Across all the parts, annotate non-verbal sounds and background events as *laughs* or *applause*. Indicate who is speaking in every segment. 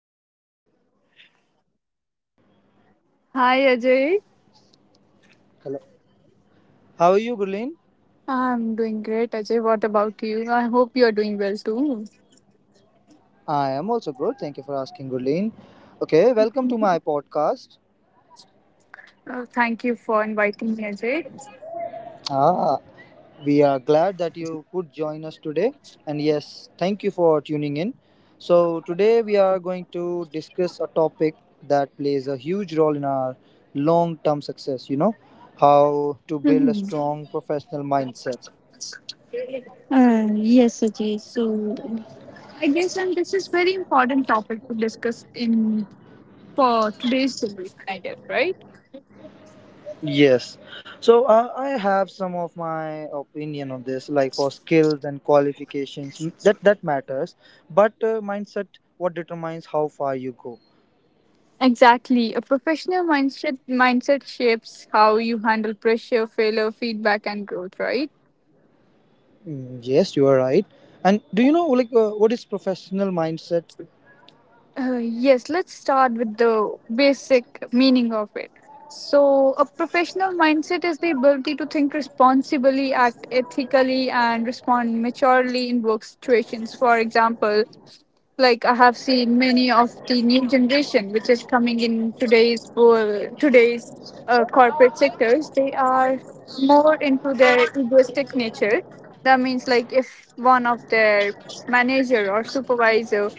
Speaker 1: Hello, Gurleen.
Speaker 2: Hi
Speaker 1: Hello.
Speaker 2: Ajay.
Speaker 1: How are you, Gurleen?
Speaker 2: I'm doing great, Ajay. What about you? I hope you're doing well too.
Speaker 1: I am also good. Thank you for asking, Gurleen. Okay, welcome to my podcast.
Speaker 2: Thank you for inviting me, Ajay.
Speaker 1: Ah, we are glad that you could join us today. And yes, thank you for tuning in. So, today we are going to discuss a topic that plays a huge role in our long term success, how to build a
Speaker 2: Mhm.
Speaker 1: strong professional mindset.
Speaker 2: Yes, Ajay. So, I guess and this is very important topic to discuss in for today's generation, I guess, right?
Speaker 1: Yes. So, I have some of my opinion on this, like for skills and qualifications, that matters. But, mindset, what determines how far you go.
Speaker 2: Exactly. A professional mindset shapes how you handle pressure, failure, feedback and growth, right?
Speaker 1: Mm, yes, you are right. And do you know, like, what is professional mindset?
Speaker 2: Yes, let's start with the basic meaning of it. So, a professional mindset is the ability to think responsibly, act ethically, and respond maturely in work situations. For example, like I have seen many of the new generation which is coming in today's world, today's corporate sectors. They are more into their egoistic nature. That means, like, if one of their manager or supervisor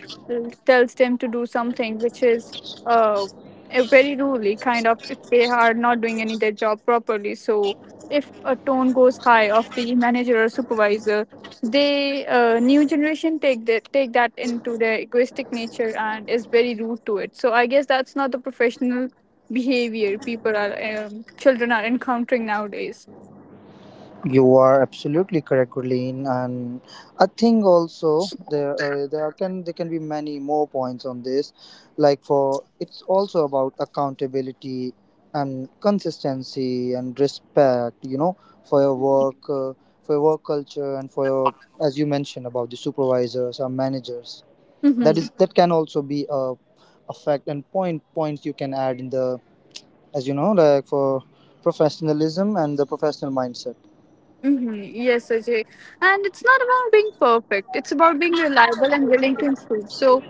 Speaker 2: tells them to do something which is uh, a very rudely kind of if they are not doing any their job properly. So if a tone goes high of the manager or supervisor, they, new generation, take that into their egoistic nature and is very rude to it. So I guess that's not the professional behavior people are children are encountering nowadays.
Speaker 1: You are absolutely correct, Gurleen, and I think also there can be many more points on this. Like for it's also about accountability and consistency and respect. You know, for your work, uh, for your work culture, and for your as you mentioned about the supervisors or managers. That
Speaker 2: Mm-hmm.
Speaker 1: is that can also be a fact and points you can add in the, as you know, like for professionalism and the professional mindset.
Speaker 2: Mm-hmm. Yes, Ajay. And it's not about being perfect. It's about being reliable and willing to improve. So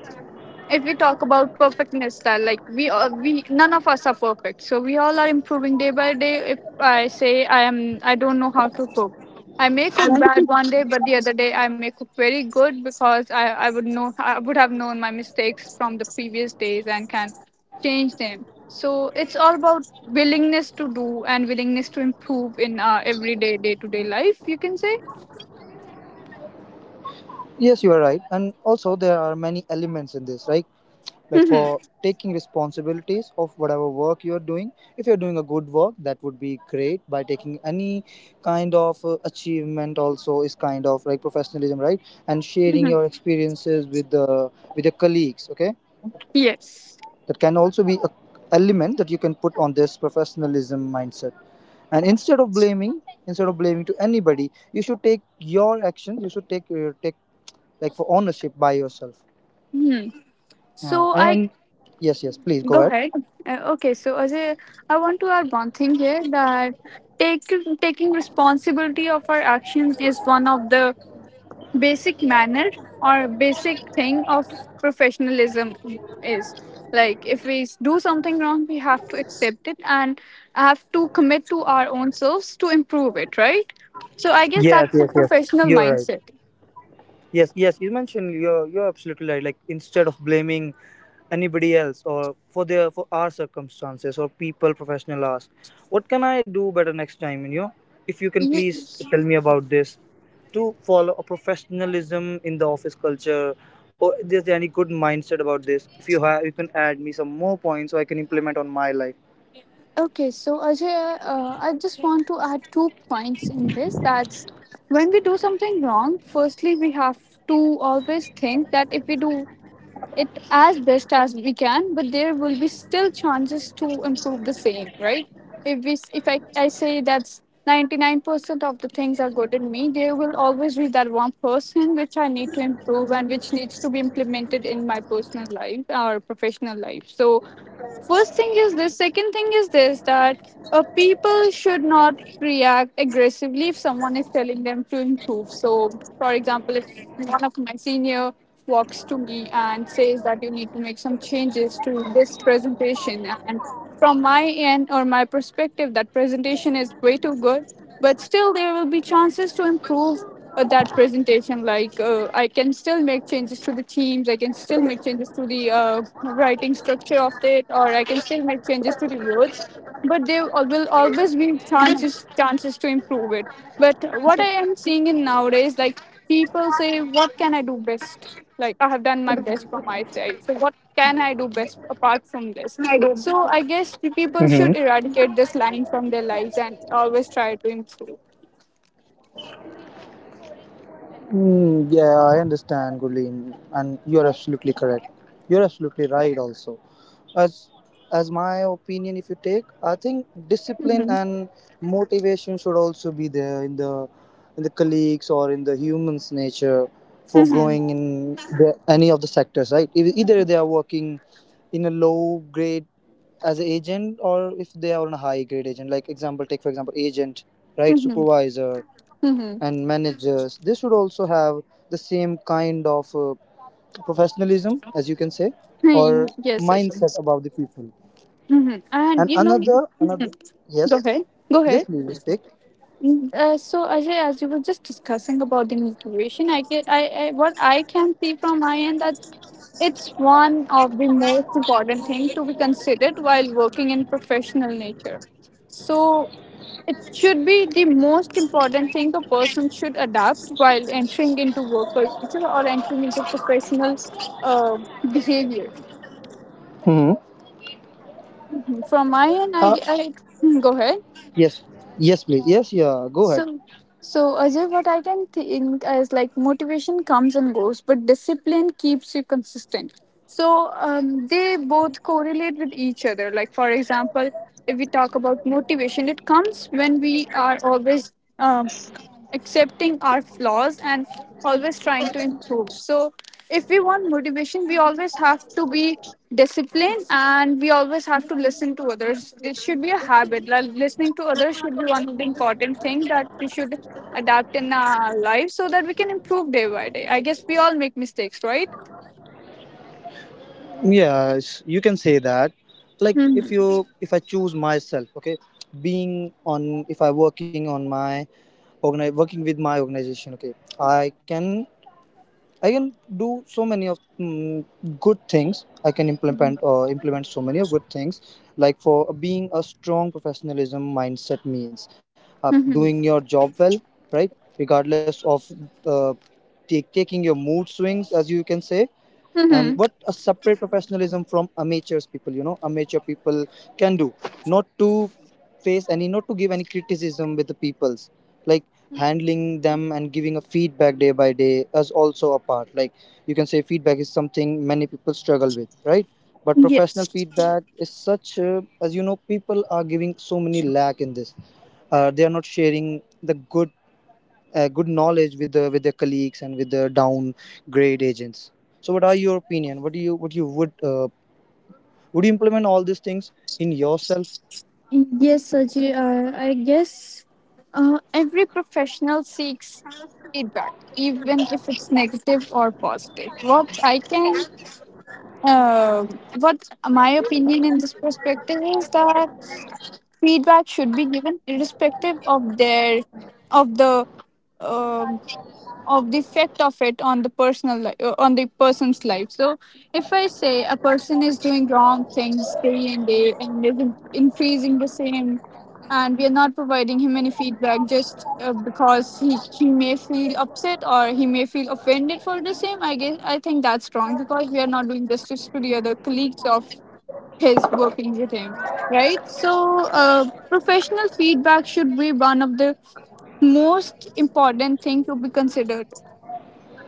Speaker 2: if you talk about perfectness style, like we all we none of us are perfect, so we all are improving day by day. If I say I don't know how to cook, I may cook bad one day, but the other day I may cook very good, because I would know. I would have known my mistakes from the previous days and can change them. So it's all about willingness to do and willingness to improve in our everyday day to day life, you can say.
Speaker 1: Yes, you are right. And also, there are many elements in this, right? Like for
Speaker 2: *laughs*
Speaker 1: taking responsibilities of whatever work you are doing. If you're doing a good work, that would be great. By taking any kind of achievement, also is kind of like professionalism, right? And sharing your experiences with the with your colleagues. Okay,
Speaker 2: Yes.
Speaker 1: that can also be a element that you can put on this professionalism mindset. And instead of blaming to anybody, you should take your actions. You should take like for ownership by yourself.
Speaker 2: Hmm. So I
Speaker 1: And yes, yes, please go
Speaker 2: Go
Speaker 1: ahead.
Speaker 2: ahead. Okay, so Ajay, I want to add one thing here, that take, taking responsibility of our actions is one of the basic manner or basic thing of professionalism, is like if we do something wrong, we have to accept it and have to commit to our own selves to improve it, right? So I guess
Speaker 1: Yes,
Speaker 2: that's a
Speaker 1: yes, yes.
Speaker 2: professional
Speaker 1: You're right.
Speaker 2: mindset.
Speaker 1: Yes, yes. You mentioned you're absolutely right. Like instead of blaming anybody else or for their for our circumstances or people, professional ask, what can I do better next time? You know, if you can please tell me about this to follow a professionalism in the office culture, or is there any good mindset about this? If you have, you can add me some more points so I can implement on my life.
Speaker 2: Okay, so Ajay, I just want to add two points in this. That's, when we do something wrong, firstly, we have to always think that if we do it as best as we can, but there will be still chances to improve the same, right? If I say that's 99% of the things are good in me, there will always be that one person which I need to improve and which needs to be implemented in my personal life or professional life. So first thing is this. Second thing is this, that people should not react aggressively if someone is telling them to improve. So, for example, if one of my senior walks to me and says that you need to make some changes to this presentation, and from my end or my perspective, that presentation is way too good, but still there will be chances to improve that presentation. Like, I can still make changes to the themes, I can still make changes to the writing structure of it, or I can still make changes to the words. But there will always be chances to improve it. But what I am seeing in nowadays, like, people say, what can I do best? Like, I have done my best from my side, so what can I do best apart from this? So I guess the people should eradicate this line from their lives and always try to improve.
Speaker 1: Mm, yeah, I understand, Gulin, and you're absolutely correct. You're absolutely right. Also, as my opinion, if you take, I think discipline
Speaker 2: Mhm.
Speaker 1: and motivation should also be there in the colleagues or in the humans' nature for
Speaker 2: Mhm.
Speaker 1: growing in any of the sectors. Right? If, either they are working in a low grade as an agent, or if they are on a high grade agent. Take for example, agent, right? Supervisor
Speaker 2: Mm-hmm.
Speaker 1: and managers, they should also have the same kind of professionalism, as you can say, or
Speaker 2: *laughs* Yes, Sachin.
Speaker 1: mindset about the people.
Speaker 2: Mm-hmm. And
Speaker 1: And another,
Speaker 2: go
Speaker 1: yes,
Speaker 2: ahead, go
Speaker 1: yes
Speaker 2: ahead.
Speaker 1: please, you speak.
Speaker 2: So Ajay, as you were just discussing about the motivation, I get, I, what I can see from my end, that it's one of the most important thing to be considered while working in professional nature. So it should be the most important thing a person should adapt while entering into work culture or entering into professional uh, behavior.
Speaker 1: Hmm.
Speaker 2: From my end,
Speaker 1: uh,
Speaker 2: I *laughs* Hmm, go ahead.
Speaker 1: yes, yes please, yes, yeah, go ahead.
Speaker 2: So, so Ajay, what I can think is, like, motivation comes and goes, but discipline keeps you consistent. So, they both correlate with each other. Like, for example, if we talk about motivation, it comes when we are always um, accepting our flaws and always trying to improve. So if we want motivation, we always have to be disciplined, and we always have to listen to others. It should be a habit. Like, listening to others should be one of the important thing that we should adapt in our life, so that we can improve day by day. I guess we all make mistakes, right?
Speaker 1: Yes, you can say that. Like
Speaker 2: Mm-hmm.
Speaker 1: if I choose myself, okay. Being on, if I working on my working with my organization, okay. I can I can do so many of good things. I can implement or implement so many of good things, like for being a strong professionalism mindset means
Speaker 2: Mm-hmm.
Speaker 1: doing your job well, right? Regardless of uh, taking your mood swings, as you can say, and
Speaker 2: Mm-hmm.
Speaker 1: what a separate professionalism from amateurs people, amateur people can do, not to face any, not to give any criticism with the peoples, like handling them and giving a feedback day by day is also a part. Like you can say, feedback is something many people struggle with, right? But professional
Speaker 2: Yes.
Speaker 1: feedback is such, as you know, people are giving so many lack in this. They are not sharing the good knowledge with their colleagues and with the down grade agents. So what are your opinion, what you would you implement all these things in yourself?
Speaker 2: Yes, Saji, I guess every professional seeks feedback, even if it's negative or positive. Uh, what my opinion in this perspective is, that feedback should be given irrespective of the um of the effect of it on the personal life, on the person's life. So if I say a person is doing wrong things day and day and is increasing the same, and we are not providing him any feedback, just because he may feel upset or he may feel offended for the same, I guess, I think that's wrong, because we are not doing justice to the other colleagues of his working with him, right? So, professional feedback should be one of the most important thing to be considered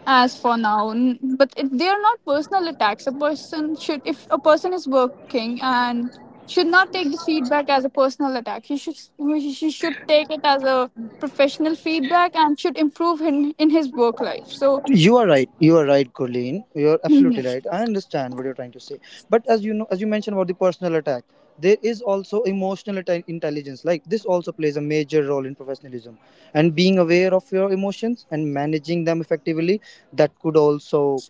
Speaker 2: as for now. But if they are not personal attacks, a person should if a person is working and should not take this feedback as a personal attack. He should take it as a professional feedback and should improve in his work life, so.
Speaker 1: You are right, you are right, Colleen. You are absolutely right.
Speaker 2: *clears throat*
Speaker 1: I understand what you're trying to say. But as you mentioned about the personal attack, there is also emotional intelligence. Like this also plays a major role in professionalism, and being aware of your emotions and managing them effectively, that could also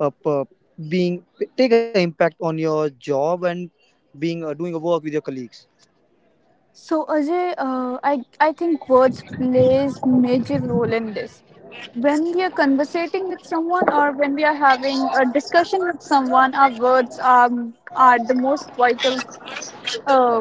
Speaker 1: p- being take an impact on your job, and being doing a work with your colleagues.
Speaker 2: So Ajay, I think words plays major role in this. When we are conversating with someone, or when we are having a discussion with someone, our words are the most vital, uh,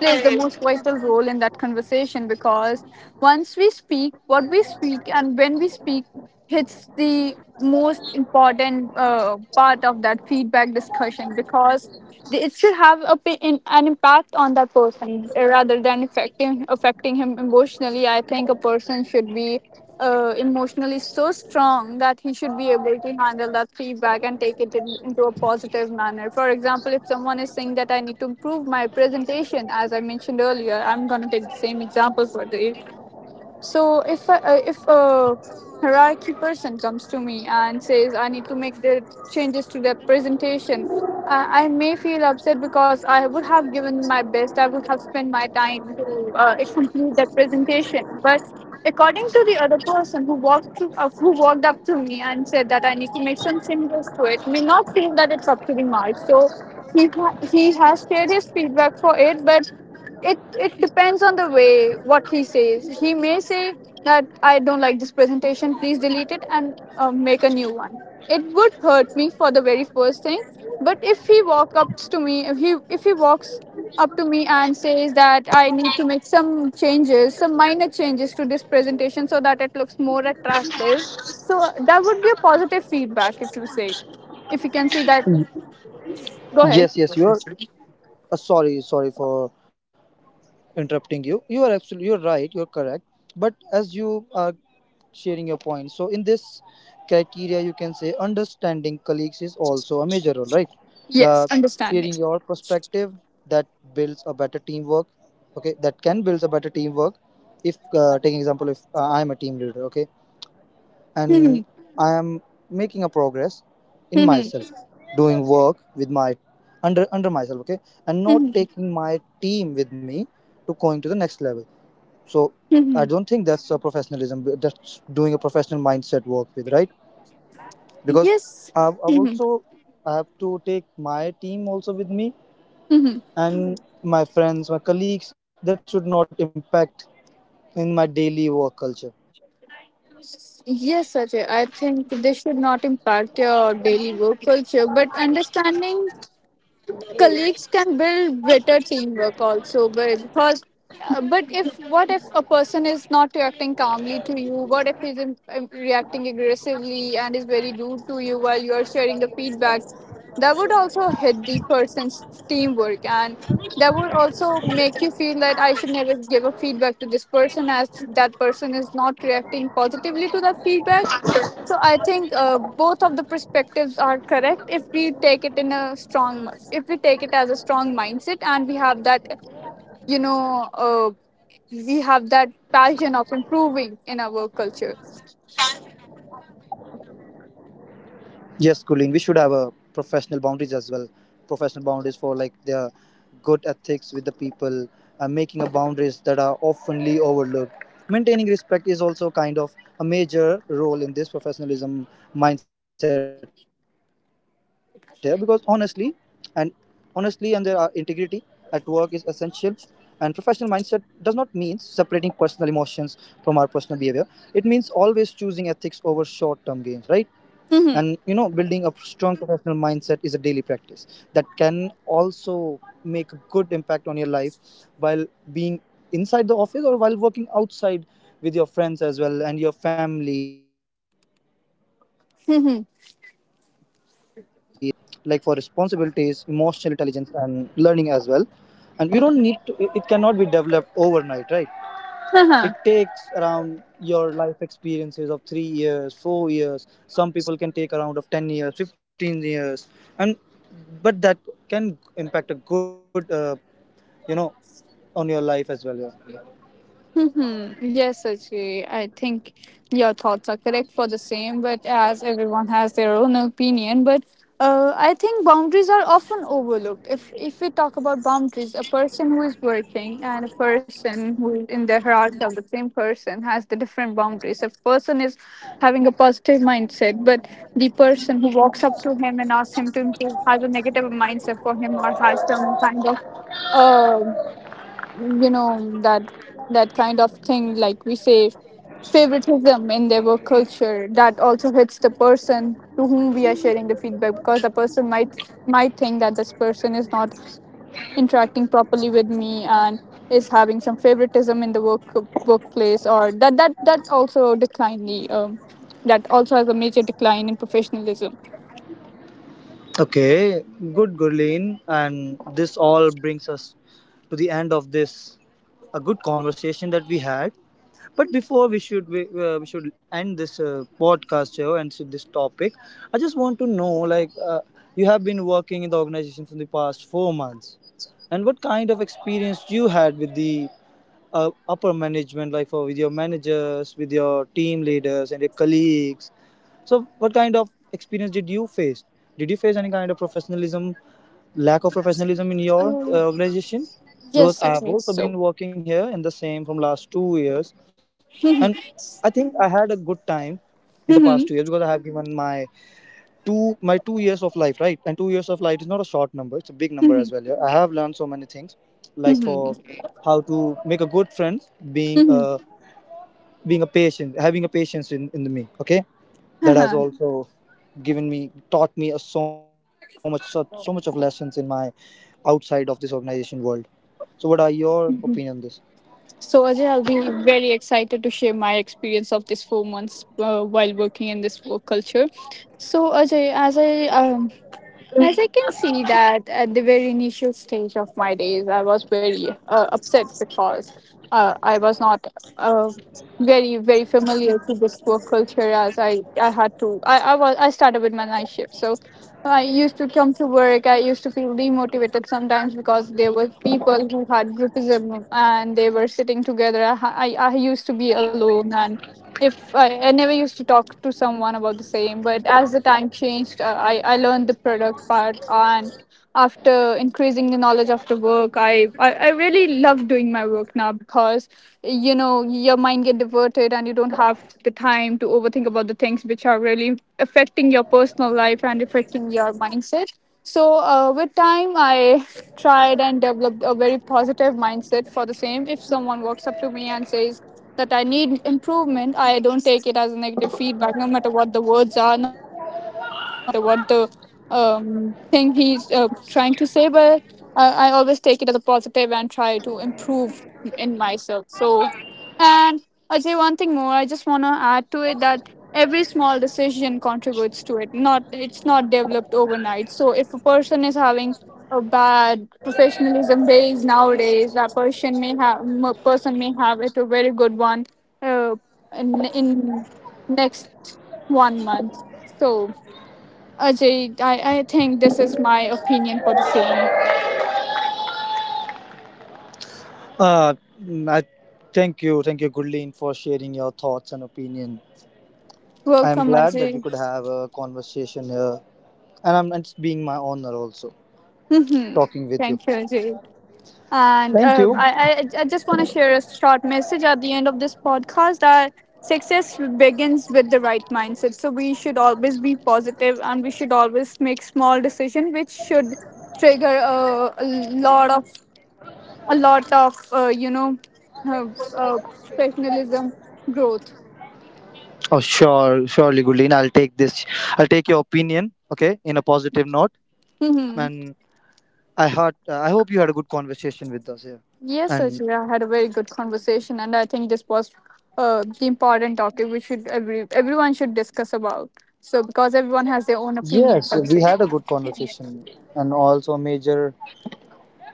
Speaker 2: plays the most vital role in that conversation, because once we speak, what we speak and when we speak hits the most important part of that feedback discussion, because it should have an impact on that person, rather than affecting him emotionally. I think a person should be emotionally so strong that he should be able to handle that feedback and take it into a positive manner. For example, if someone is saying that I need to improve my presentation, as I mentioned earlier, I'm going to take the same example. For the so if I- uh, if a hierarchy person comes to me and says I need to make the changes to the presentation, I may feel upset because I would have given my best. I would have spent my time to complete that presentation. But according to the other person who walked up to me and said that I need to make some changes to it, may not feel that it's up to the mark. So he has shared his feedback for it, but it depends on the way what he says. He may say that I don't like this presentation, please delete it and make a new one. It would hurt me for the very first thing. But if he walks up to me, if he walks up to me and says that I need to make some changes, some minor changes to this presentation, so that it looks more attractive. So that would be a positive feedback, if you say, if you can see that. Go ahead.
Speaker 1: Yes, yes, you're sorry, sorry for interrupting you. You are absolutely you're right, you're correct. But as you are sharing your point, so in this criteria, you can say understanding colleagues is also a major role, right?
Speaker 2: Yes,
Speaker 1: uh,
Speaker 2: understanding.
Speaker 1: sharing your perspective, that builds a better teamwork. Okay, that can build a better teamwork. If uh, taking example if uh, i'm a team leader, okay, and I am making a progress in myself, doing work with my under myself, okay, and not taking my team with me to going to the next level. So I
Speaker 2: *laughs*
Speaker 1: don't think that's a professionalism. That's doing a professional mindset work with, right? Because
Speaker 2: Yes.
Speaker 1: I've, I've
Speaker 2: Mhm.
Speaker 1: also I have to take my team also with me,
Speaker 2: Mhm.
Speaker 1: and my friends, my colleagues. That should not impact in my daily work culture.
Speaker 2: Yes, Ajay, I think this should not impact your daily work culture, but understanding colleagues can build better teamwork also. But, because but if what if a person is not reacting calmly to you? What if he's reacting aggressively and is very rude to you while you are sharing the feedbacks? That would also hit the person's teamwork, and that would also make you feel that I should never give a feedback to this person, as that person is not reacting positively to that feedback. So I think, both of the perspectives are correct, if we take it in a strong, if we take it as a strong mindset, and we have that, you know, we have that passion of improving in our work culture.
Speaker 1: Yes, Colleen, we should have a professional boundaries as well. Professional boundaries for like their good ethics with the people, and making a boundaries that are oftenly overlooked. Maintaining respect is also kind of a major role in this professionalism mindset here, because and honestly, and there are integrity at work is essential, and professional mindset does not mean separating personal emotions from our personal behavior. It means always choosing ethics over short term gains, right? And building a
Speaker 2: Mm-hmm.
Speaker 1: strong professional mindset is a daily practice, that can also make a good impact on your life, while being inside the office or while working outside with your friends as well and your family relatives. It also it can also
Speaker 2: Mm-hmm.
Speaker 1: build through your discipline, like for responsibilities, emotional intelligence, and learning as well. And you don't need to, it cannot be developed overnight, right? It
Speaker 2: *laughs*
Speaker 1: takes around your life experiences of 3 years, 4 years. Some people can take around of 10 years, 15 years. And but that can impact a good, you know on your life as well. Yeah.
Speaker 2: Mhm. Yes, Sachi, I think your thoughts are correct for the same, but as everyone has their own opinion. But I think boundaries are often overlooked. If we talk about boundaries, a person who is working and a person who is in the hierarchy of the same person has the different boundaries. A person is having a positive mindset, but the person who walks up to him and asks him to improve has a negative mindset for him or has some kind of um, you know that that kind of thing like we say favoritism in their work culture that also hits the person to whom we are sharing the feedback because the person might think that this person is not interacting properly with me and is having some favoritism in the workplace or that's also declining that also has a major decline in professionalism.
Speaker 1: Okay, good, Gurleen, and this all brings us to the end of this a good conversation that we had. But before we should, we should end this podcast show and so this topic, I just want to know, like you have been working in the organization for the past 4 months, and what kind of experience you had with the upper management, like for with your managers, with your team leaders and your colleagues. So, what kind of experience did you face? Did you face any kind of professionalism lack of professionalism in your organization, because
Speaker 2: Yes,
Speaker 1: I
Speaker 2: I
Speaker 1: have
Speaker 2: think
Speaker 1: also been
Speaker 2: so.
Speaker 1: working here in the same from last 2 years. And I think
Speaker 2: *laughs*
Speaker 1: I had a good time in the past 2 years, because I
Speaker 2: Mhm.
Speaker 1: have given my 2 years of life, right? And 2 years of life is not a short number. It's a big number as
Speaker 2: Mhm.
Speaker 1: well, yeah? I have learned so many things, like for
Speaker 2: Mhm.
Speaker 1: how to make a good friend, being
Speaker 2: Mhm. Mhm.
Speaker 1: a patient, having a patience in me, okay. That has
Speaker 2: *laughs*
Speaker 1: also given me taught me so much of lessons in my outside of this organization world. So what are your opinion on this?
Speaker 2: So, Ajay, I'll be very excited to share my experience of this 4 months while working in this work culture. So, Ajay, as I can see that at the very initial stage of my days, I was very upset because I was not uh, very familiar to this work culture. As I had to I was I started with my night shift, so I used to come to work. I used to feel demotivated sometimes because there were people who had groupism and they were sitting together. I used to be alone, and if I, I never used to talk to someone about the same, but as the time changed I learned the product part, and after increasing the knowledge after work I really love doing my work now because you know your mind get diverted and you don't have the time to overthink about the things which are really affecting your personal life and affecting your mindset. So with time I tried and developed a very positive mindset for the same. If someone walks up to me and says that I need improvement, I don't take it as a negative feedback, no matter what the words are, no matter what the thing he's trying to say. But I always take it as a positive and try to improve in myself. So and I say one thing more. I just want to add to it that every small decision contributes to it. Not it's not developed overnight. So if a person is having a bad professionalism days nowadays, that person may person may have it a very good one uh, in next 1 month. So Ajay, I think this is my opinion for the same.
Speaker 1: uh I thank you, thank you, Goodlin, for sharing your thoughts and opinion. I am
Speaker 2: Welcome,
Speaker 1: glad that we
Speaker 2: Ajay.
Speaker 1: could have a conversation here, and I'm it's being my honor also
Speaker 2: *laughs* Thank
Speaker 1: talking with you.
Speaker 2: you, Ajay. And
Speaker 1: Thank
Speaker 2: uh,
Speaker 1: you.
Speaker 2: I, I, I just want to share a short message at the end of this podcast that success begins with the right mindset. So we should always be positive and we should always make small decisions, which should trigger a lot of uh, uh, professionalism growth.
Speaker 1: Oh, surely, Goodlin, I'll take this. I'll take your opinion okay in a positive note.
Speaker 2: Hmm.
Speaker 1: And I heart I hope you had a good conversation with us here.
Speaker 2: Yes,
Speaker 1: And
Speaker 2: Sachira, I had a very good conversation, and I think this was the important topic we should everyone should discuss about. So, because everyone has their own opinion,
Speaker 1: yes,
Speaker 2: I would
Speaker 1: we
Speaker 2: say.
Speaker 1: had a good conversation, and also major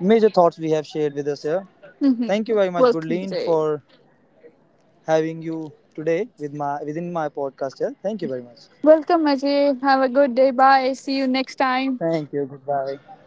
Speaker 1: major thoughts we have shared with us here.
Speaker 2: Mm-hmm.
Speaker 1: Thank you very much,
Speaker 2: Welcome,
Speaker 1: Gurleen,
Speaker 2: Ajay.
Speaker 1: for having you today with my within my podcast here. Thank you very much.
Speaker 2: Welcome, Ajay. Have a good day. Bye. See you next time.
Speaker 1: Thank you. Goodbye.